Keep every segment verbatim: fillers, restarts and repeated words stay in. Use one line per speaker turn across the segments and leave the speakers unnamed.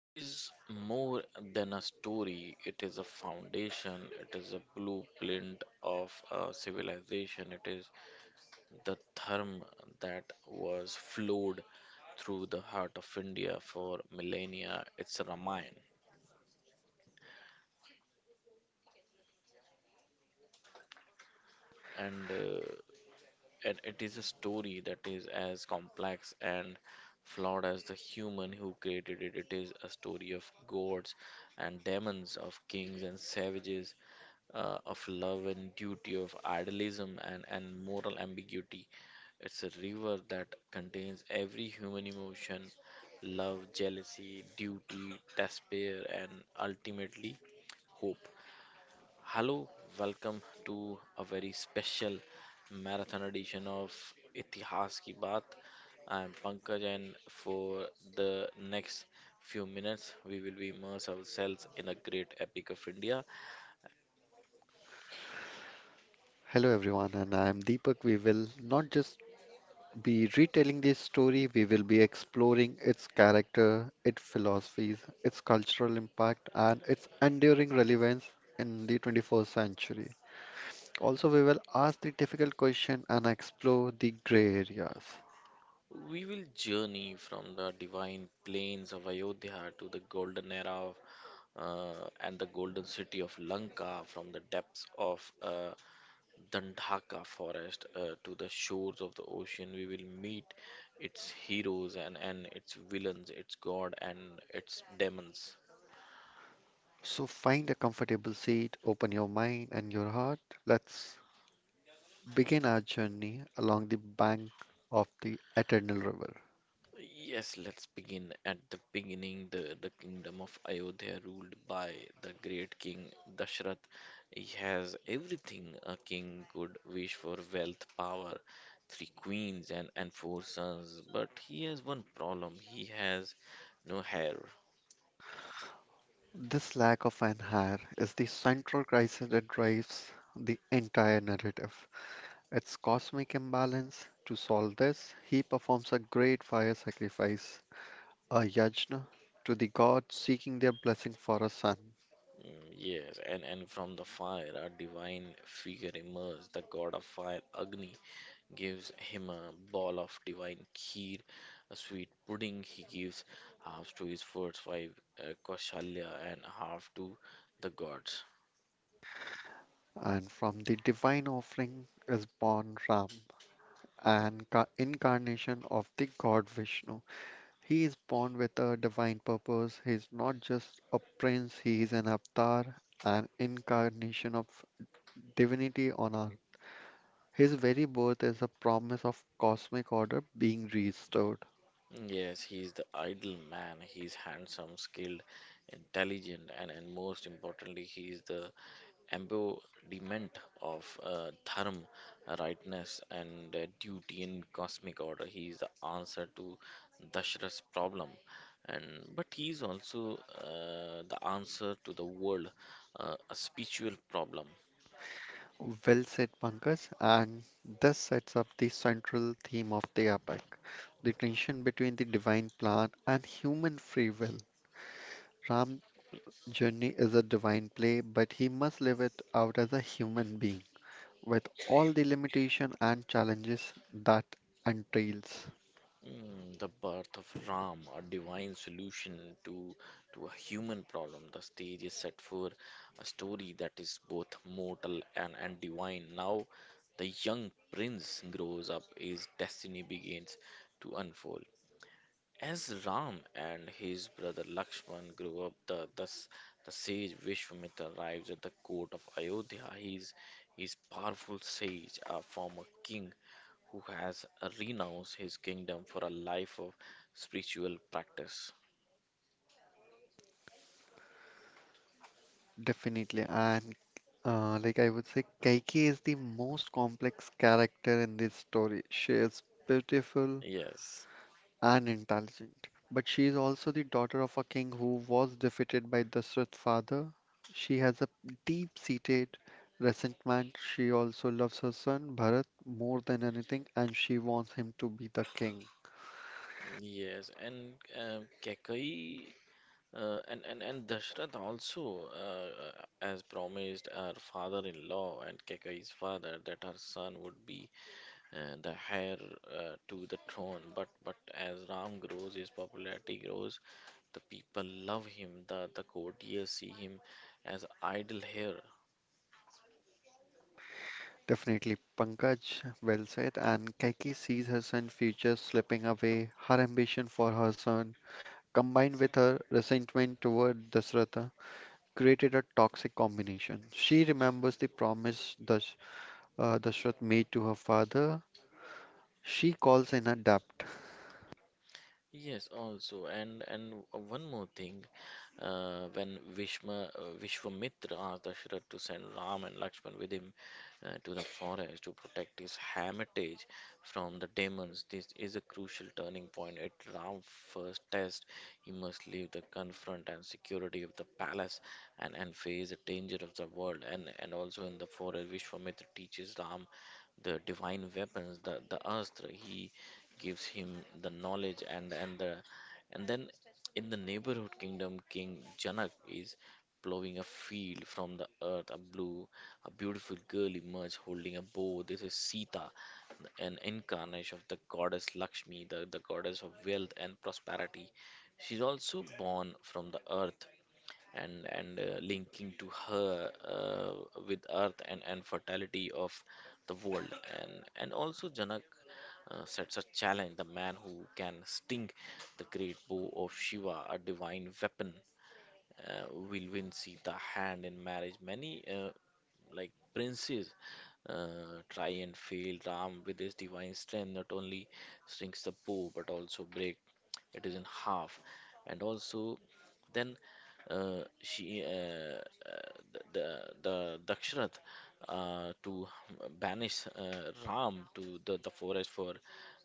it is more than a story. It is a foundation. It is a blueprint of a civilization. It is the dharma that was flowed through the heart of India for millennia. It's a Ramayana. And uh, And it is a story that is as complex and flawed as the human who created it. It is a story of gods and demons, of kings and savages, uh, of love and duty, of idealism and, and moral ambiguity. It's a river that contains every human emotion: love, jealousy, duty, despair, and ultimately hope. Hello, welcome to a very special marathon edition of Itihas Ki Baat. I am Pankaj, and for the next few minutes, we will be immerse ourselves in a great epic of India.
Hello everyone, and I'm Deepak. We will not just be retelling this story, we will be exploring its character, its philosophies, its cultural impact, and its enduring relevance in the twenty-first century. Also, we will ask the difficult question and explore the gray areas.
We will journey from the divine plains of Ayodhya to the golden era of, uh, and the golden city of Lanka, from the depths of uh, Dandaka forest uh, to the shores of the ocean, we will meet its heroes and, and its villains, its god and its demons.
So, find a comfortable seat, open your mind and your heart. Let's begin our journey along the bank of the Eternal River.
Yes, let's begin at the beginning. The, the kingdom of Ayodhya, ruled by the great king Dashrath, he has everything a king could wish for: wealth, power, three queens, and, and four sons. But he has one problem: he has no hair.
This lack of an heir is the central crisis that drives the entire narrative. It's cosmic imbalance. To solve this, he performs a great fire sacrifice, a yajna, to the gods seeking their blessing for a son.
Mm, Yes, and, and from the fire, a divine figure emerges. The god of fire, Agni, gives him a ball of divine kheer, a sweet pudding. He gives half to his first wife, uh, Kaushalya, and half to the gods.
And from the divine offering is born Ram, an ca- incarnation of the god Vishnu. He is born with a divine purpose. He is not just a prince, he is an avatar, an incarnation of divinity on earth. His very birth is a promise of cosmic order being restored.
Yes, he is the idle man. He is handsome, skilled, intelligent, and, and most importantly, he is the embodiment of uh, dharma, rightness, and uh, duty in cosmic order. He is the answer to Dashrath's problem, and but he is also uh, the answer to the world, uh, a spiritual problem.
Well said, Pankaj, and this sets up the central theme of the epic, the tension between the divine plan and human free will. Ram's journey is a divine play, but he must live it out as a human being with all the limitations and challenges that entails.
Mm, the birth of Ram, a divine solution to to a human problem. The stage is set for a story that is both mortal and, and divine. Now the young prince grows up, his destiny begins to unfold. As Ram and his brother Lakshman grew up, the, the, s- the sage Vishwamitra arrives at the court of Ayodhya. He is, he is powerful sage, a former king who has renounced his kingdom for a life of spiritual practice.
Definitely. And uh, like I would say, Kaikeyi is the most complex character in this story. She is beautiful
Yes,
and intelligent, but she is also the daughter of a king who was defeated by Dashrath's father. She has a deep-seated resentment. She also loves her son Bharat more than anything, and she wants him to be the king.
yes, and uh, Kekai uh, and, and, and Dashrath also, uh, as promised, her father in law and Kekai's father, that her son would be uh, the heir uh, to the throne. But but as Ram grows, his popularity grows. The people love him. The the courtiers see him as idol here.
Definitely, Pankaj, well said. And Kaikeyi sees her son's future slipping away, her ambition for her son combined with her resentment toward Dasratha, created a toxic combination. She remembers the promise Dash, uh, Dashrath made to her father. She calls in a debt.
Yes, also, and and one more thing, uh, when Vishma, uh, Vishwamitra asked Dasharatha to send Ram and Lakshman with him uh, to the forest to protect his hermitage from the demons, this is a crucial turning point. At Ram's first test, he must leave the confront and security of the palace and and face the danger of the world. And and also in the forest, Vishwamitra teaches Ram the divine weapons, the the astra. He gives him the knowledge and and the and then in the neighborhood kingdom, King Janak is plowing a field from the earth. A blue, a beautiful girl emerges holding a bow. This is Sita, an incarnation of the goddess Lakshmi, the, the goddess of wealth and prosperity. She's also born from the earth and and uh, linking to her uh, with earth and and fertility of the world and and also janak uh, sets a challenge: the man who can sting the great bow of shiva, a divine weapon, uh, will win sita hand in marriage. Many uh, like princes uh, try and fail. Ram with his divine strength not only strings the bow but also break it is in half. And also then uh, she, uh, uh, the, the Daksharath, uh, to banish uh, Ram to the, the forest for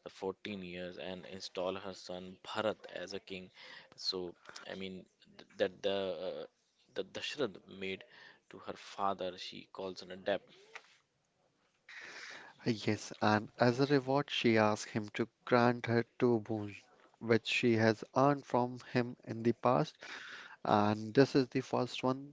the fourteen years and install her son Bharat as a king. So, I mean, th- that the uh, the Dashrath made to her father, she calls an adept.
Yes, and as a reward, she asks him to grant her two boons, which she has earned from him in the past. And this is the first one.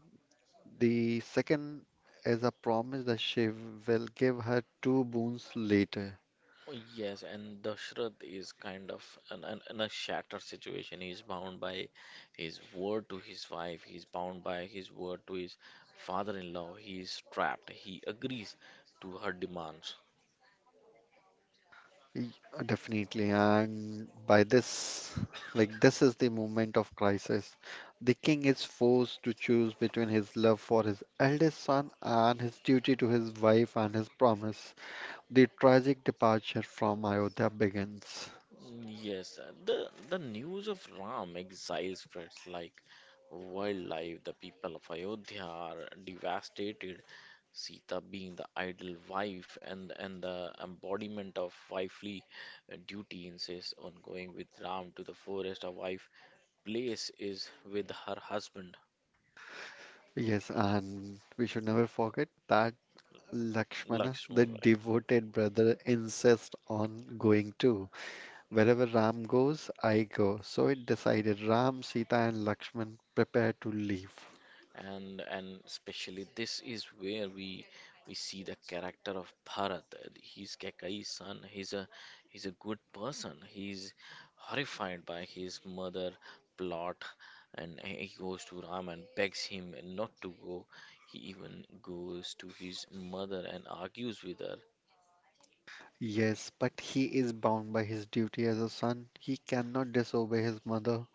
The second is a promise that she will give her two boons later.
Oh, yes, and Dashrath is kind of an, an, in a shattered situation. He's bound by his word to his wife, he's bound by his word to his father in law. He's trapped, he agrees to her demands.
Y- Definitely, and by this, like this is the moment of crisis. The king is forced to choose between his love for his eldest son and his duty to his wife and his promise. The tragic departure from Ayodhya begins.
Yes, uh, the, the news of Ram exile spreads like wildlife. The people of Ayodhya are devastated. Sita being the ideal wife and, and the embodiment of wifely uh, duty insists on going with Ram to the forest. A wife place is with her husband.
Yes, and we should never forget that Lakshmana, the
Lakshman, right?
devoted brother, insists on going too. Wherever Ram goes, I go. So it decided Ram, Sita, and Lakshman prepare to leave.
and and especially this is where we we see the character of Bharat. He's Kakai's son. He's a he's a good person. He's horrified by his mother plot, and he goes to Ram and begs him not to go. He even goes to his mother and argues with her.
Yes, but he is bound by his duty as a son. He cannot disobey his mother.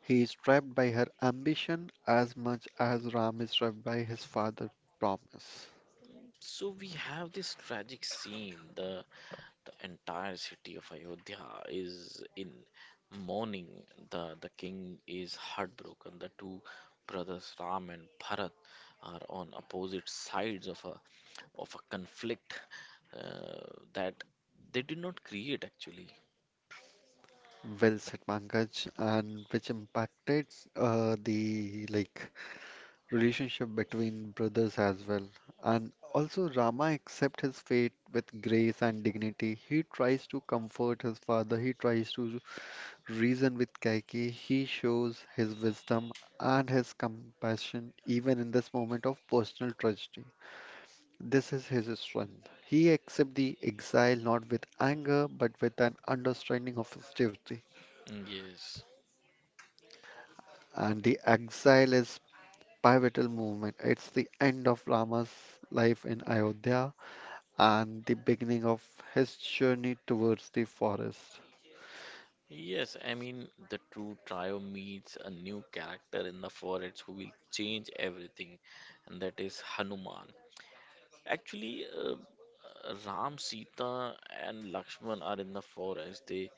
He is trapped by her ambition as much as Ram is trapped by his father's promise.
So we have this tragic scene, the The entire city of Ayodhya is in mourning. The, the king is heartbroken. The two brothers Ram and Bharat are on opposite sides of a, of a conflict uh, that they did not create actually.
Well said, Pankaj, and which impacted uh, the like relationship between brothers as well. And also Rama accepts his fate with grace and dignity. He tries to comfort his father. He tries to reason with Kaike, he shows his wisdom and his compassion even in this moment of personal tragedy. This is his strength. He accepts the exile not with anger but with an understanding of his duty.
Yes.
And the exile is pivotal movement. It's the end of Rama's life in Ayodhya and the beginning of his journey towards the forest.
Yes, I mean the true trio meets a new character in the forest who will change everything, and that is Hanuman. Actually, uh, Ram, Sita, and Lakshman are in the forest. They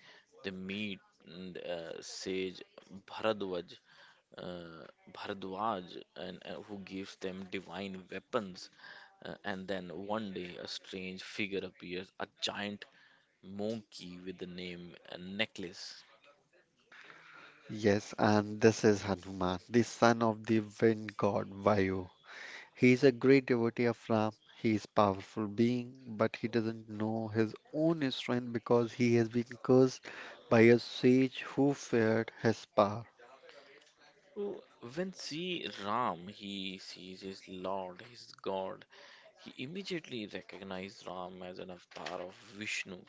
they meet and, uh, sage Bharadwaj, uh, Bharadwaj, and uh, who gives them divine weapons. Uh, and then one day, a strange figure appears, a giant monkey with the name uh, Necklace.
Yes, and this is Hanuman, the son of the wind god Vayu. He is a great devotee of Ram. He is powerful being, but he doesn't know his own strength because he has been cursed by a sage who feared his power.
So when see Ram, he sees his Lord, his God. He immediately recognizes Ram as an avatar of Vishnu.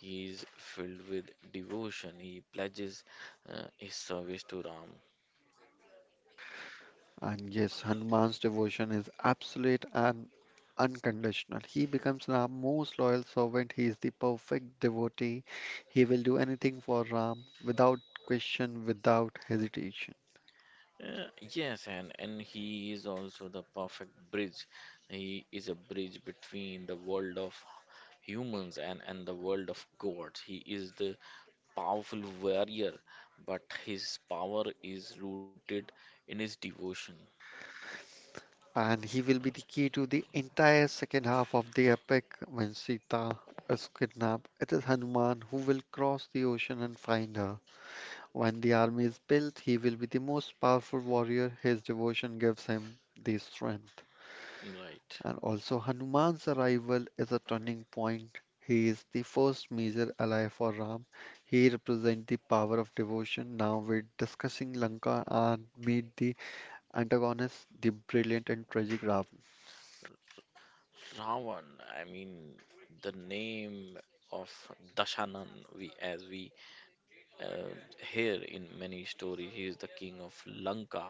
He is filled with devotion. He pledges uh, his service to Ram.
And yes, Hanuman's devotion is absolute and unconditional. He becomes Ram's most loyal servant. He is the perfect devotee. He will do anything for Ram without question, without hesitation.
Uh, yes, and, and he is also the perfect bridge. He is a bridge between the world of humans and, and the world of gods. He is the powerful warrior, but his power is rooted in his devotion.
And he will be the key to the entire second half of the epic when Sita is kidnapped. It is Hanuman who will cross the ocean and find her. When the army is built, he will be the most powerful warrior. His devotion gives him the strength.
Right.
And also, Hanuman's arrival is a turning point. He is the first major ally for Ram. He represents the power of devotion. Now we're discussing Lanka and meet the antagonist, the brilliant and tragic Ravan.
Ravan, I mean, the name of Dashanan, we as we Uh, here in many stories, he is the king of Lanka,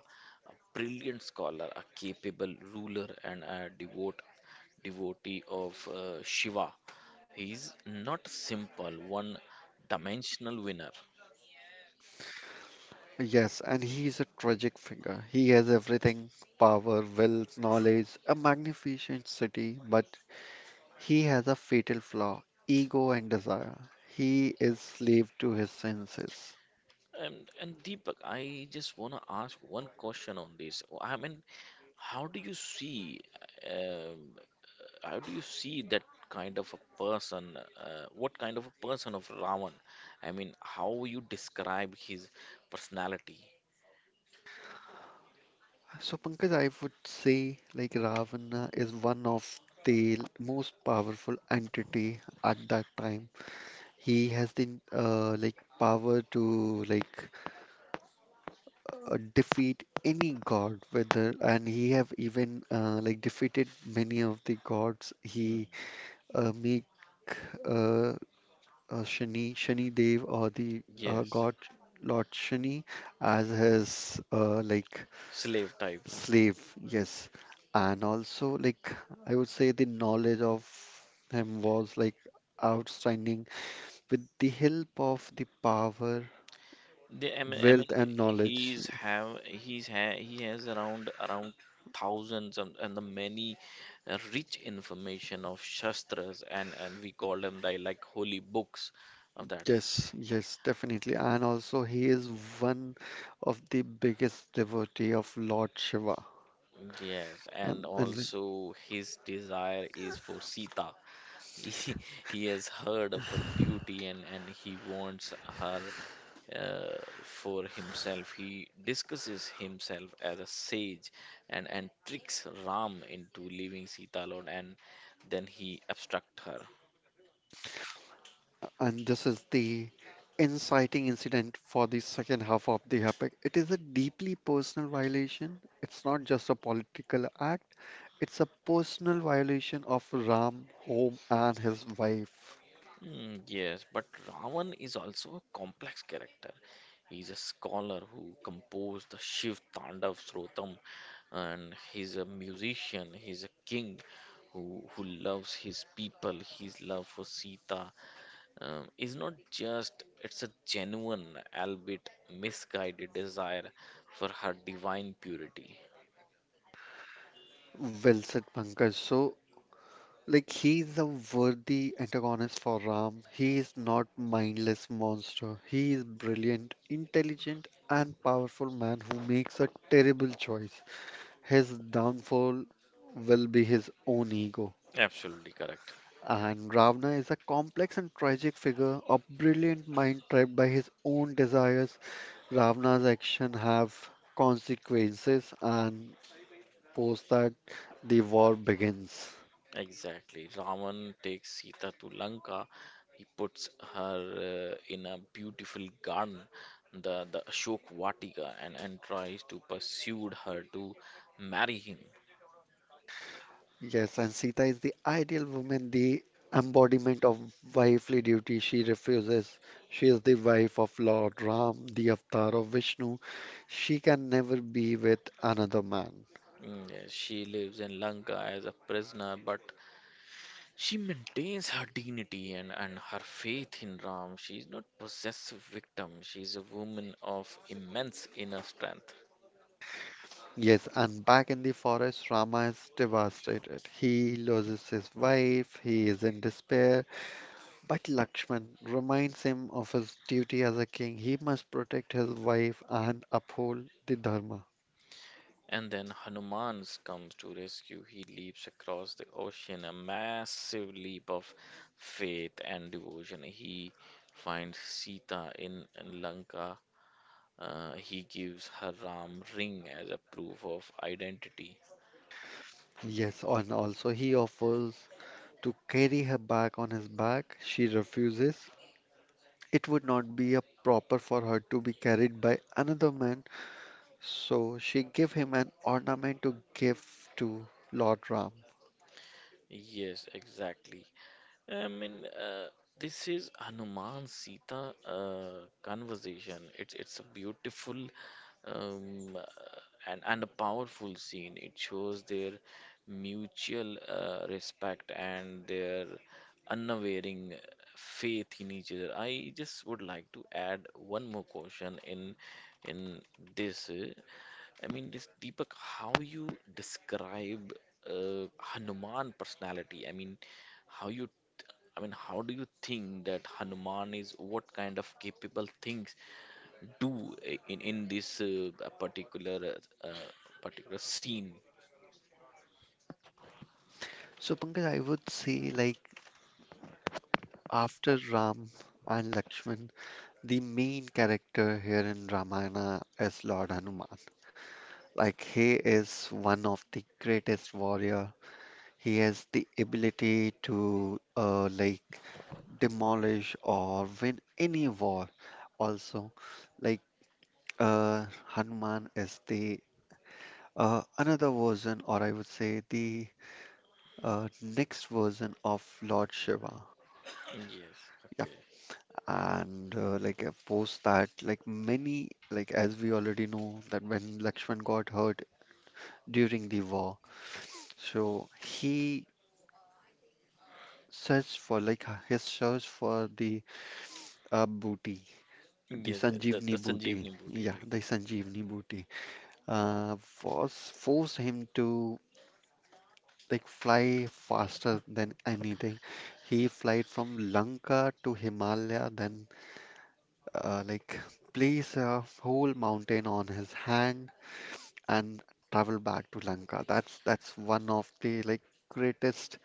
a brilliant scholar, a capable ruler, and a devote devotee of uh, Shiva. He is not simple, one-dimensional winner.
Yes, and he is a tragic figure. He has everything, power, wealth, knowledge, a magnificent city, but he has a fatal flaw, ego and desire. He is slave to his senses.
And, and Deepak, I just want to ask one question on this. I mean, how do you see? um how do you see that kind of a person? Uh, what kind of a person of Ravan? I mean, how you describe his personality?
So Pankaj, I would say like Ravana is one of the most powerful entity at that time. He has the uh, like power to like uh, defeat any god whether and he have even uh, like defeated many of the gods he
Mm,
uh, make uh, uh, Shani Shani Dev or the uh,
Yes,
god Lord Shani as his uh, like
slave type.
slave, yes, and also like I would say the knowledge of him was like outstanding with the help of the power
The, I mean, I mean,
wealth and knowledge.
he's have he's ha he has around around thousands and, and the many uh, rich information of shastras and and we call them the like holy books of that.
Yes, yes, definitely. And also, he is one of the biggest devotee of Lord Shiva.
Yes, and
And, and,
also his desire is for Sita. He, he has heard of her beauty and, and he wants her uh, for himself. He discusses himself as a sage and, and tricks Ram into leaving Sita alone and then he abducts her.
and this is the inciting incident for the second half of the epic. It is a deeply personal violation. It's not just a political act, it's a personal violation of Ram, home, and his wife.
Mm, yes, but Ravan is also a complex character. He's a scholar who composed the Shiv Tandav Srotam, and he's a musician. He's a king who who loves his people. His love for Sita um, is not just; it's a genuine, albeit misguided, desire for her divine purity.
Well said, Pankaj. So, like he's a worthy antagonist for Ram. He is not mindless monster. He is brilliant, intelligent, and powerful man who makes a terrible choice. His downfall will be his own ego.
Absolutely correct.
And Ravana is a complex and tragic figure, a brilliant mind trapped by his own desires. Ravana's actions have consequences, and post that, the war begins.
Exactly. Ravan takes Sita to Lanka. He puts her uh, in a beautiful garden, the, the Ashok Vatika, and, and tries to pursue her to marry him.
Yes, and Sita is the ideal woman, the embodiment of wifely duty. She refuses. She is the wife of Lord Ram, the avatar of Vishnu. She can never be with another man.
Mm, yes, she lives in Lanka as a prisoner, but she maintains her dignity and, and her faith in Ram. She is not possessive victim. She is a woman of immense inner strength.
Yes, and back in the forest, Rama is devastated. He loses his wife, he is in despair. But Lakshman reminds him of his duty as a king. He must protect his wife and uphold the Dharma.
And then Hanuman comes to rescue. He leaps across the ocean, a massive leap of faith and devotion. He finds Sita in Lanka. Uh, he gives her Ram ring as a proof of identity.
Yes, and also he offers to carry her back on his back. She refuses. It would not be a proper for her to be carried by another man, so she give him an ornament to give to Lord Ram.
Yes, exactly. I mean, uh, this is Hanuman Sita uh, conversation. It's it's a beautiful um, uh, and and a powerful scene. It shows their mutual uh, respect and their unwavering faith in each other. I just would like to add one more question in in this. uh, I mean, this Deepak, how you describe uh, Hanuman personality? I mean, how you I mean, how do you think that Hanuman is what kind of capable things do i- in in this uh, particular uh, particular scene?
So Pankaj, I would say like after Ram and Lakshman, the main character here in Ramayana is Lord Hanuman. Like he is one of the greatest warrior. He has the ability to uh, like demolish or win any war, also like uh, Hanuman is the uh, another version, or I would say the uh, next version of Lord Shiva.
Yes,
Yeah,
okay.
and uh, like uh, post that, like many, like as we already know that when Lakshman got hurt during the war, so he searched for like uh, his search for the uh, booty the
Yes, the, the
Sanjeevani booty
Sanjeevani booty,
yeah
right?
the Sanjeevani booty uh, was forced him to like fly faster than anything. He flied from Lanka to Himalaya, then uh, like place a whole mountain on his hand and travel back to Lanka. That's that's one of the like greatest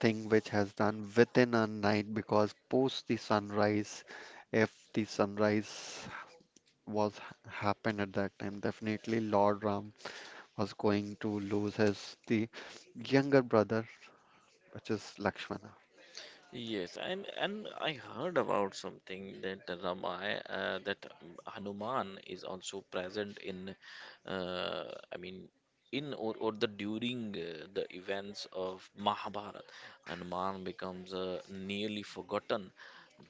thing which has done within a night because post the sunrise, if the sunrise was happened at that time, definitely Lord Ram was going to lose his the younger brother, which is Lakshmana.
Yes, and and I heard about something that the Ramay, uh, that um, Hanuman is also present in, uh, I mean, in or, or the during uh, the events of Mahabharata, Hanuman becomes a nearly forgotten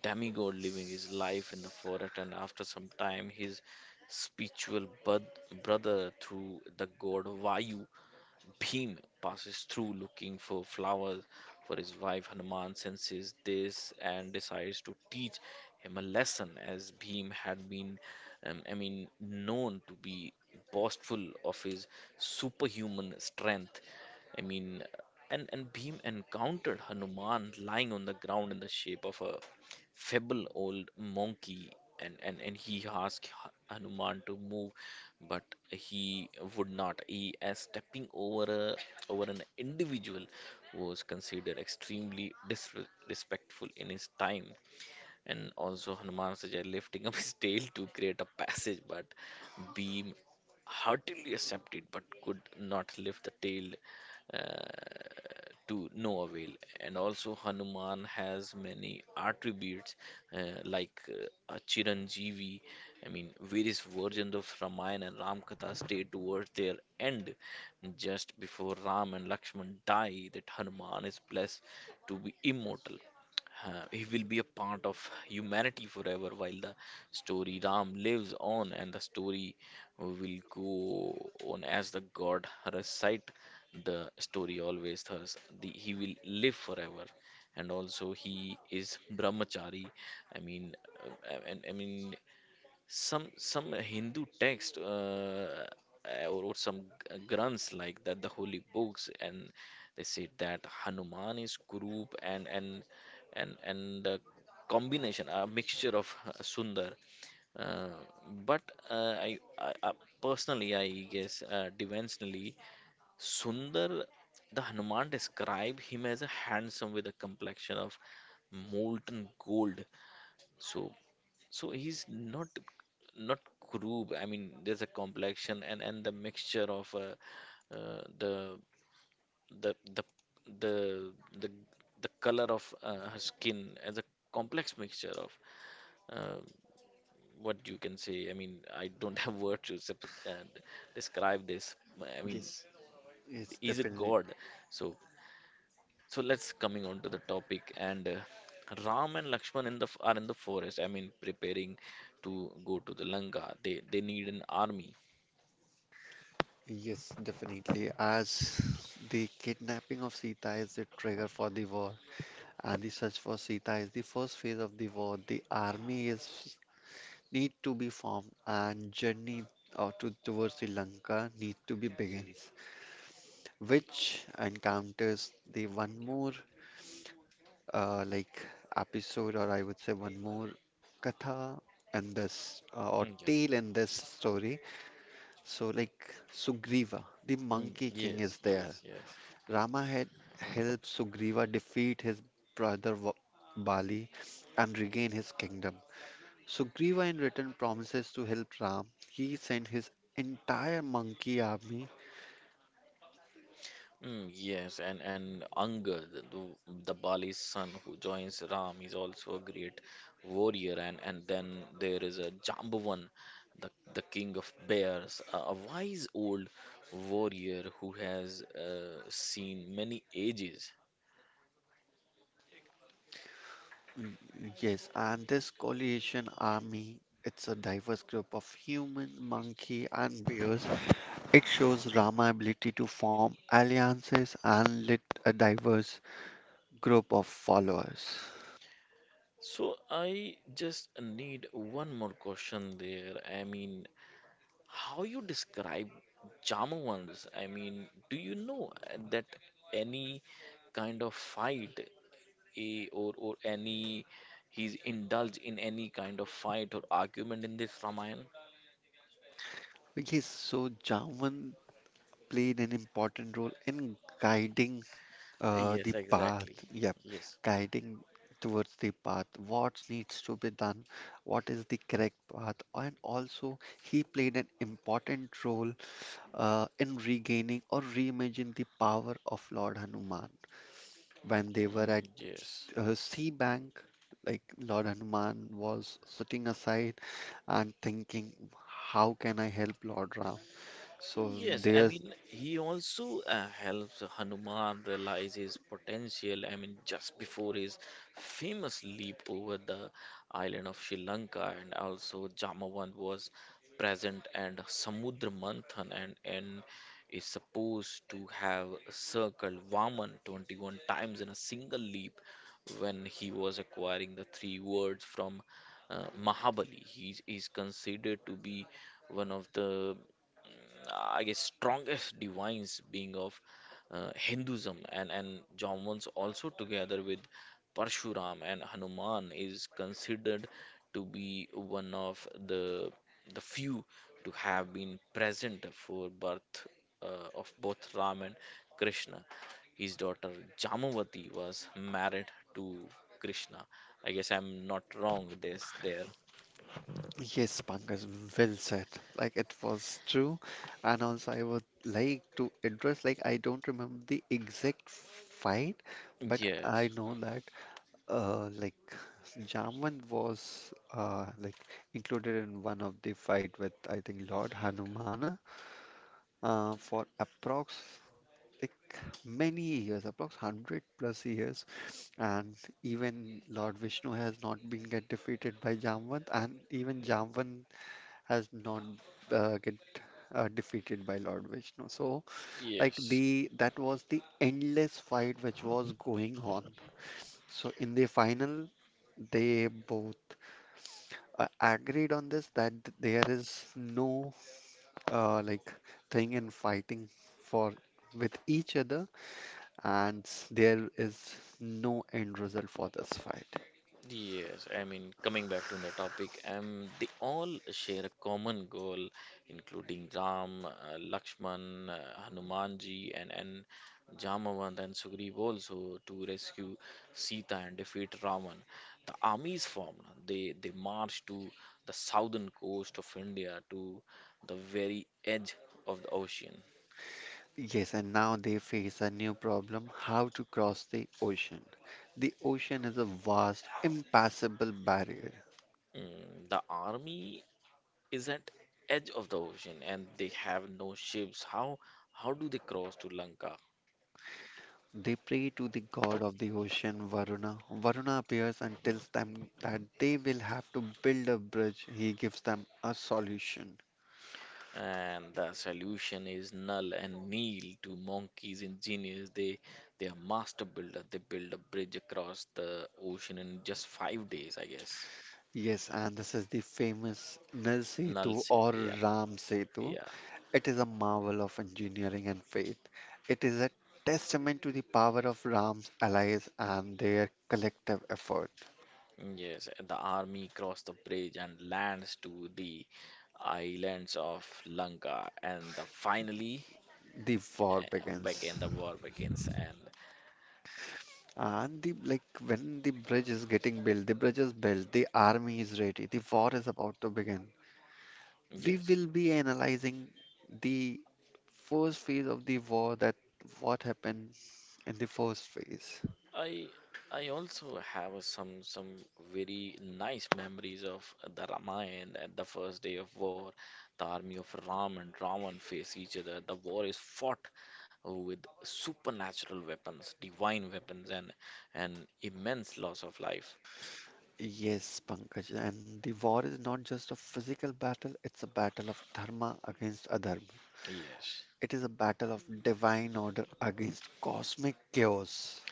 demigod, living his life in the forest, and after some time, his spiritual bud, brother through the god Vayu Bhim passes through looking for flowers for his wife. Hanuman senses this and decides to teach him a lesson, as Bhim had been, um, I mean, known to be boastful of his superhuman strength. I mean, and, and Bhim encountered Hanuman lying on the ground in the shape of a feeble old monkey. And, and, and he asked Ha- Hanuman to move, but he would not. He, as stepping over, a, over an individual, was considered extremely disrespectful in his time. And also, Hanuman suggested lifting up his tail to create a passage, but Bhim heartily accepted but could not lift the tail. uh, to no avail. And also, Hanuman has many attributes uh, like uh, a Chiranjeevi. I mean, various versions of Ramayana and Ramkatha stay towards their end. Just before Ram and Lakshman die, that Hanuman is blessed to be immortal. Uh, he will be a part of humanity forever while the story Ram lives on and the story will go on as the god recite the story always thus the, he will live forever, and also he is brahmachari. I mean uh, I, I I mean some some hindu text uh, uh, or some g- granths like that, the holy books, and they say that hanuman is group and and and and the combination, a mixture of uh, sundar. Uh, but uh, I, I, I personally, I guess, uh, dimensionally, Sundar, the Hanuman describe him as a handsome with a complexion of molten gold. So, so he's not not crude. I mean, there's a complexion and and the mixture of uh, uh, the the the the the the color of uh, her skin as a complex mixture of. Uh, what you can say. I mean, I don't have words to sub- uh, describe this. I mean,
Yes, yes,
he's a
definitely.
god. So, so let's coming on to the topic and uh, Ram and Lakshman in the f- are in the forest. I mean, preparing to go to the Lanka. They they need an army.
Yes, definitely. As the kidnapping of Sita is the trigger for the war, and the search for Sita is the first phase of the war, the army is need to be formed, and journey out to, towards Sri Lanka need to be begins, which encounters the one more uh, like episode, or I would say one more katha in this uh, or
Mm, yeah.
tale in this story. So, like Sugriva, the
Mm,
Monkey King,
yes,
is there.
yes, yes.
Rama had helped Sugriva defeat his brother Va- Bali and regain his kingdom. Sugriva, in return, promises to help Ram. He sent his entire monkey army.
Mm, yes, and and Angad, the, the Bali's son who joins Ram, is also a great warrior. And and then there is a Jambavan, the the king of bears, a, a wise old warrior who has uh, seen many ages.
Y- Yes, and this coalition army. It's a diverse group of human, monkey, and bears. It shows Rama ability to form alliances and lead a diverse group of followers.
So I just need one more question there. I mean, how you describe Jamavans? I mean, do you know uh, that any kind of fight a or or any, he's indulged in any kind of fight or argument in this Ramayana?
Like, yes, so Jawan played an important role in guiding uh,
Yes,
the path.
exactly.
Yep,
Yes.
guiding towards the path. What needs to be done? What is the correct path? And also, he played an important role uh, in regaining or reimagining the power of Lord Hanuman. When they were
Mm,
at
yes.
uh, sea bank, like Lord Hanuman was sitting aside and thinking, how can I help Lord Ram? So
Yes, I
their.
mean, he also uh, helps Hanuman realize his potential. I mean, just before his famous leap over the island of Sri Lanka, and also Jamavant was present, and Samudra Manthan, and, and is supposed to have circled Vaman twenty-one times in a single leap when he was acquiring the three words from uh, Mahabali. He is considered to be one of the, I guess, strongest divines being of uh, Hinduism and and Jainams also, together with Parshuram, and Hanuman is considered to be one of the the few to have been present for birth uh, of both Ram and Krishna. His daughter Jamavati was married to Krishna. I guess I'm not wrong this there.
Yes, Pankaj, well said. Like it was true. And also I would like to address, like I don't remember the exact fight, but I
Yes.
know that uh like Jamvan was uh like included in one of the fight with I think Lord Hanumana uh for approx like many years, approx one hundred plus years. And even Lord Vishnu has not been get defeated by Jamvan and even Jamvan has not uh, get uh, defeated by Lord Vishnu. So, like
Yes.
the that was the endless fight which was going on. So in the final, they both uh, agreed on this that there is no uh, like thing in fighting for with each other, and there is no end result for this fight.
Yes, I mean, coming back to the topic, um, they all share a common goal, including Ram, uh, Lakshman, uh, Hanumanji, and and Jamavant and Sugriv, also to rescue Sita and defeat Ravan. The army is formed. They they march to the southern coast of India, to the very edge of the ocean.
Yes, and now they face a new problem how to cross the ocean. The ocean is a vast, impassable barrier.
Mm, the army is at edge of the ocean and they have no ships. how how do they cross to lanka?
They pray to the god of the ocean, Varuna. Varuna appears and tells them that they will have to build a bridge. He gives them a solution.
And the solution is null and nil to monkeys engineers. They they are master builder. They build a bridge across the ocean in just five days, I guess.
Yes, and this is the famous Nal
Null
Setu
said.
or
Yeah, no,
Ram Setu.
yeah.
It is a marvel of engineering and faith. It is a testament to the power of Ram's allies and their collective effort.
Yes, the army crossed the bridge and lands to the islands of lanka, and the finally
The war
uh,
begins.
begin the war begins. And
And the like when the bridge is getting built, the bridge is built, the army is ready, the war is about to begin. We
yes,
will be analyzing the first phase of the war that what happened in the first phase.
I I also have a some some very nice memories of the Ramayana at the first day of war. The army of Ram and Ravan face each other. The war is fought with supernatural weapons, divine weapons, and an immense loss of life.
Yes, Pankaj, and the war is not just a physical battle, it's a battle of dharma against adharma.
Yes.
It is a battle of divine order against cosmic chaos.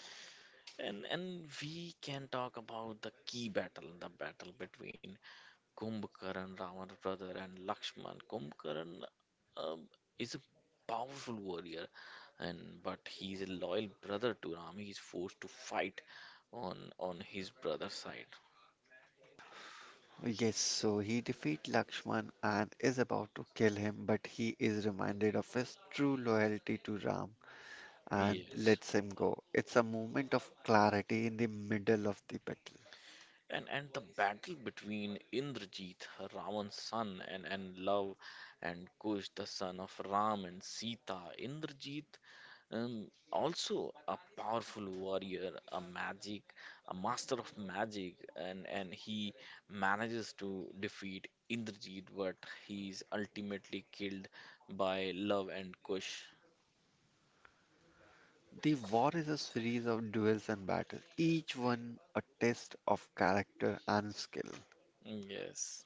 And and we can talk about the key battle, the battle between Kumbhakarn, Ravana's brother, and Lakshman. Kumbhakarn um, is a powerful warrior, and but he is a loyal brother to Ram. He is forced to fight on on his brother's side.
Yes, so he defeats Lakshman and is about to kill him, but he is reminded of his true loyalty to Ram and
Yes.
lets him go. It's a moment of clarity in the middle of the battle.
And and the battle between Indrajit, Ravan's son, and, and Love and Kush, the son of Ram and Sita. Indrajit and also a powerful warrior, a magic, a master of magic, and and he manages to defeat Indrajit, but he is ultimately killed by Love and Kush.
The war is a series of duels and battles, each one a test of character and skill.
Mm, yes.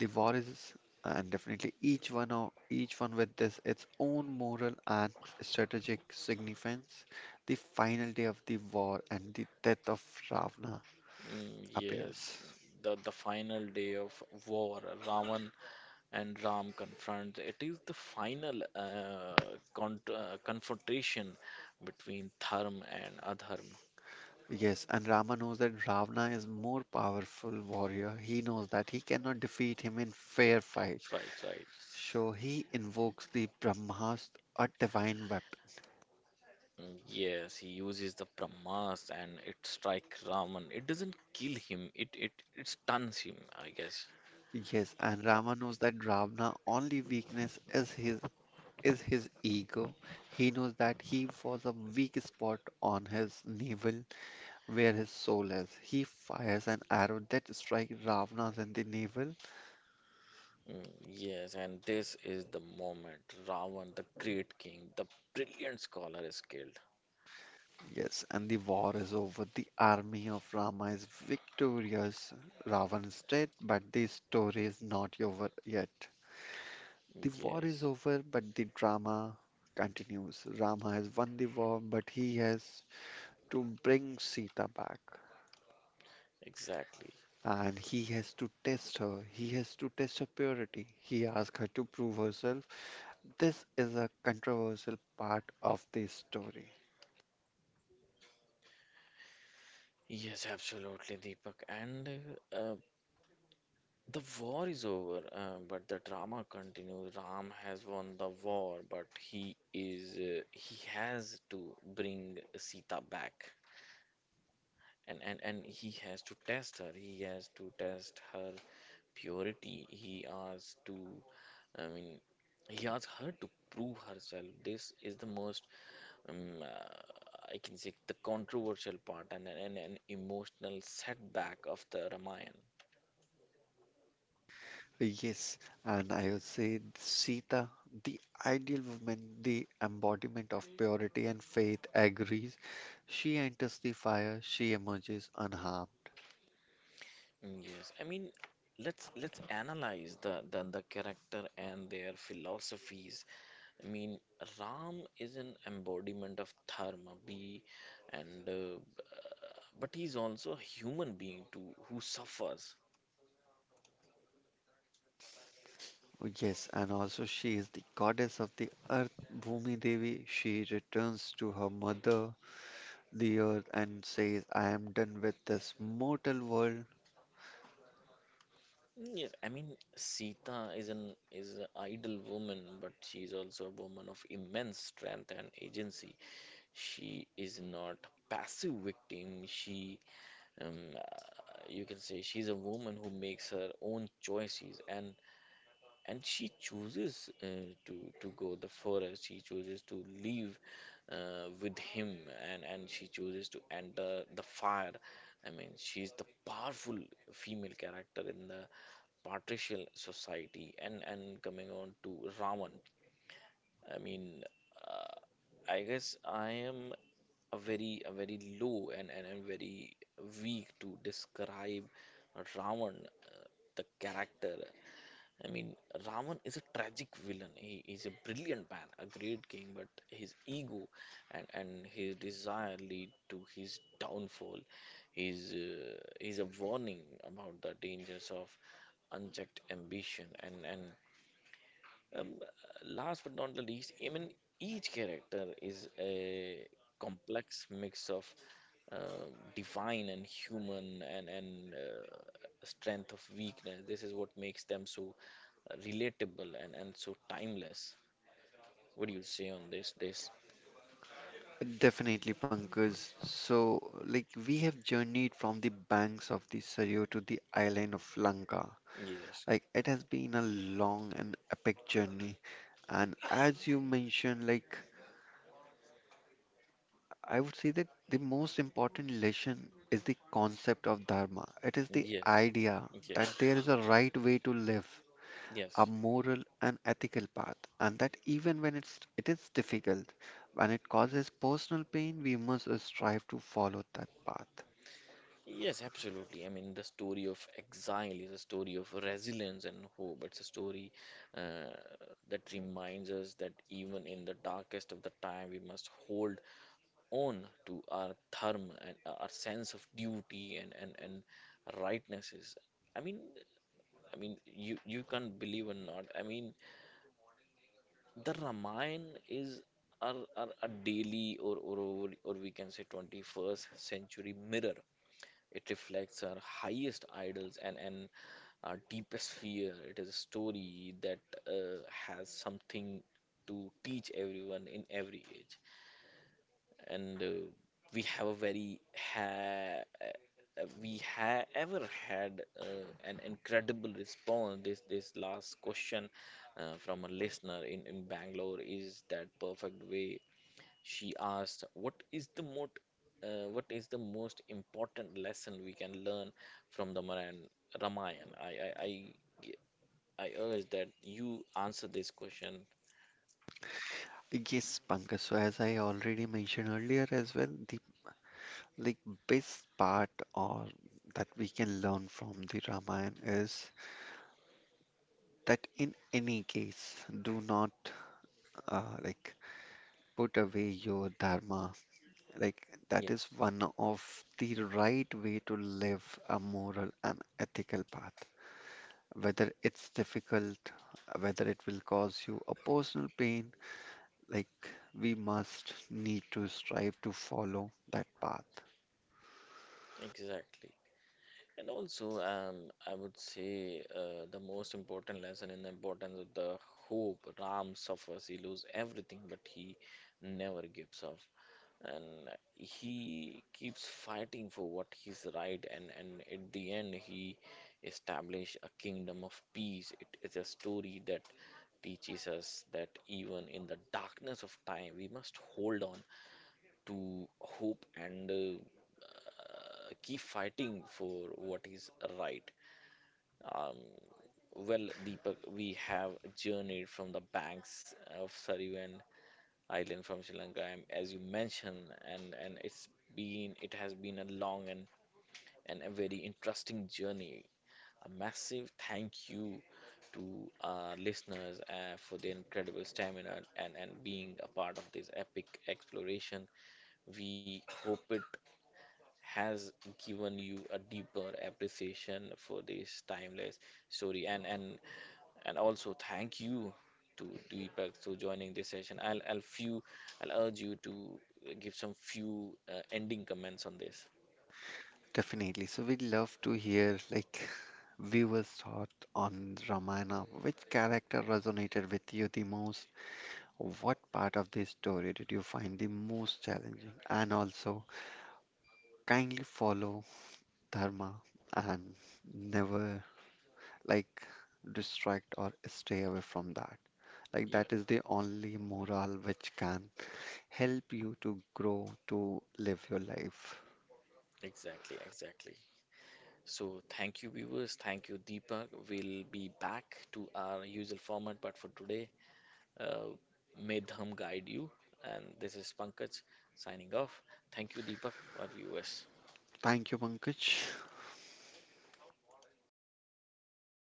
The war is, and definitely each one of each one with this its own moral and strategic significance. The final day of the war and the death of Ravana
Mm, yeah.
appears.
The, the final day of war, Ravan and Ram confront. It is the final uh, con uh, confrontation between Dharma and Adharma.
Yes, and Rama knows that Ravana is more powerful warrior. He knows that he cannot defeat him in fair fight.
Right, right.
So he invokes the Brahmastra, a divine weapon.
Yes, he uses the Brahmas and it strikes Raman. It doesn't kill him, it it, it stuns him, I guess.
Yes, and Rama knows that Ravana only weakness is his is his ego. He knows that he was a weak spot on his navel where his soul is. He fires an arrow that strikes Ravana's in the navel.
Mm, yes, and this is the moment Ravan, the great king, the brilliant scholar, is killed.
Yes, and the war is over. The army of Rama is victorious. Ravana is dead, but the story is not over yet. The war is
Yes,
over, but the drama continues. Rama has won the war, but he has to bring Sita back.
exactly.
And he has to test her. He has to test her purity. He asks her to prove herself. This is a controversial part of the story.
Yes, absolutely, Deepak. And uh, uh, the war is over, uh, but the drama continues. Ram has won the war, but he is uh, he has to bring Sita back. and and and he has to test her, he has to test her purity, he has to, i mean he asks her to prove herself. This is the most um, uh, I can say the controversial part and an, an emotional setback of the ramayana.
Yes, and I would say Sita, the ideal woman, the embodiment of purity and faith, agrees. She enters the fire, she emerges unharmed.
Mm, yes, I mean, let's let's analyze the, the the character and their philosophies. I mean, Ram is an embodiment of dharma, be and uh, but he's also a human being too who suffers.
Yes, and also she is the goddess of the earth, Bhumi Devi. She returns to her mother, the earth and says, I am done with this mortal world.
Mm, yes, I mean, Sita is an is an idle woman, but she's also a woman of immense strength and agency. She is not passive victim. She Um, uh, you can say she's a woman who makes her own choices, and and she chooses uh, to to go the forest. She chooses to leave uh, with him, and and she chooses to enter the fire. I mean, she's the powerful female character in the patricial society. And and coming on to Ravan, I mean. Uh, I guess I am a very, a very low and, and, and very weak to describe Ravan, uh, the character. I mean, Ravan is a tragic villain. He is a brilliant man, a great king, but his ego and, and his desire lead to his downfall. He's, uh, he's a warning about the dangers of unchecked ambition and, and um, last but not the least, I mean, each character is a complex mix of uh, divine and human and and uh, strength of weakness. This is what makes them so uh, relatable and and so timeless. What do you say on this? This?
Definitely, Pankaj. So, like, we have journeyed from the banks of the Saryu to the island of Lanka.
Yes.
Like, it has been a long and epic journey. And as you mentioned, like, I would say that the most important lesson is the concept of dharma. It is the
Yes.
idea that
Yes.
there is a right way to live a
Yes.
moral and ethical path, and that even when it's, it is difficult, when it causes personal pain, we must strive to follow that path.
Yes, absolutely. I mean, the story of exile is a story of resilience and hope. It's a story uh, that reminds us that even in the darkest of the time, we must hold on to our dharma and our sense of duty, and, and, and rightnesses. I mean, I mean, you you can't believe or not. I mean, the Ramayana is our, our, our daily or, or or we can say twenty-first century mirror. It reflects our highest idols, and, and our deepest fear. It is a story that uh, has something to teach everyone in every age. And uh, we have a very ha uh, we have ever had uh, an incredible response. This this last question uh, from a listener in, in Bangalore is that perfect way. She asked, "What is the most, uh, what is the most important lesson we can learn from the Maran, Ramayana?" I, I, I, ge- I urge that you answer this question.
Yes, Pankaj, so as I already mentioned earlier as well, the like best part or that we can learn from the Ramayana is that in any case, do not uh, like put away your dharma. Like that is
Yes,
one of the right way to live a moral and ethical path. Whether it's difficult, whether it will cause you a personal pain, like we must need to strive to follow that path.
exactly. And also, um, I would say uh, the most important lesson in the importance of the hope. Ram suffers, he loses everything, but he never gives up. And he keeps fighting for what is right, and and at the end he established a kingdom of peace. It is a story that teaches us that even in the darkness of time, we must hold on to hope, and uh, uh, keep fighting for what is right. um, well, deepak, we have journeyed from the banks of Sarivan Island from Sri Lanka, and as you mentioned, and and it's been it has been a long and and a very interesting journey. A massive thank you to our listeners uh, for their incredible stamina and and being a part of this epic exploration. We hope it has given you a deeper appreciation for this timeless story, and and and also thank you to Deepak to joining this session. I'll I'll few I'll urge you to give some few uh, ending comments on this.
Definitely. So we love to hear like viewers' thought on Ramayana. Which character resonated with you the most? What part of this story did you find the most challenging? And also, kindly follow dharma and never like distract or stay away from that. Like
Yeah,
that is the only moral which can help you to grow, to live your life.
exactly, exactly. So thank you viewers, thank you Deepak. We'll be back to our usual format, but for today, uh, may Dham guide you. And this is Pankaj signing off. Thank you Deepak, our viewers.
Thank you, Pankaj.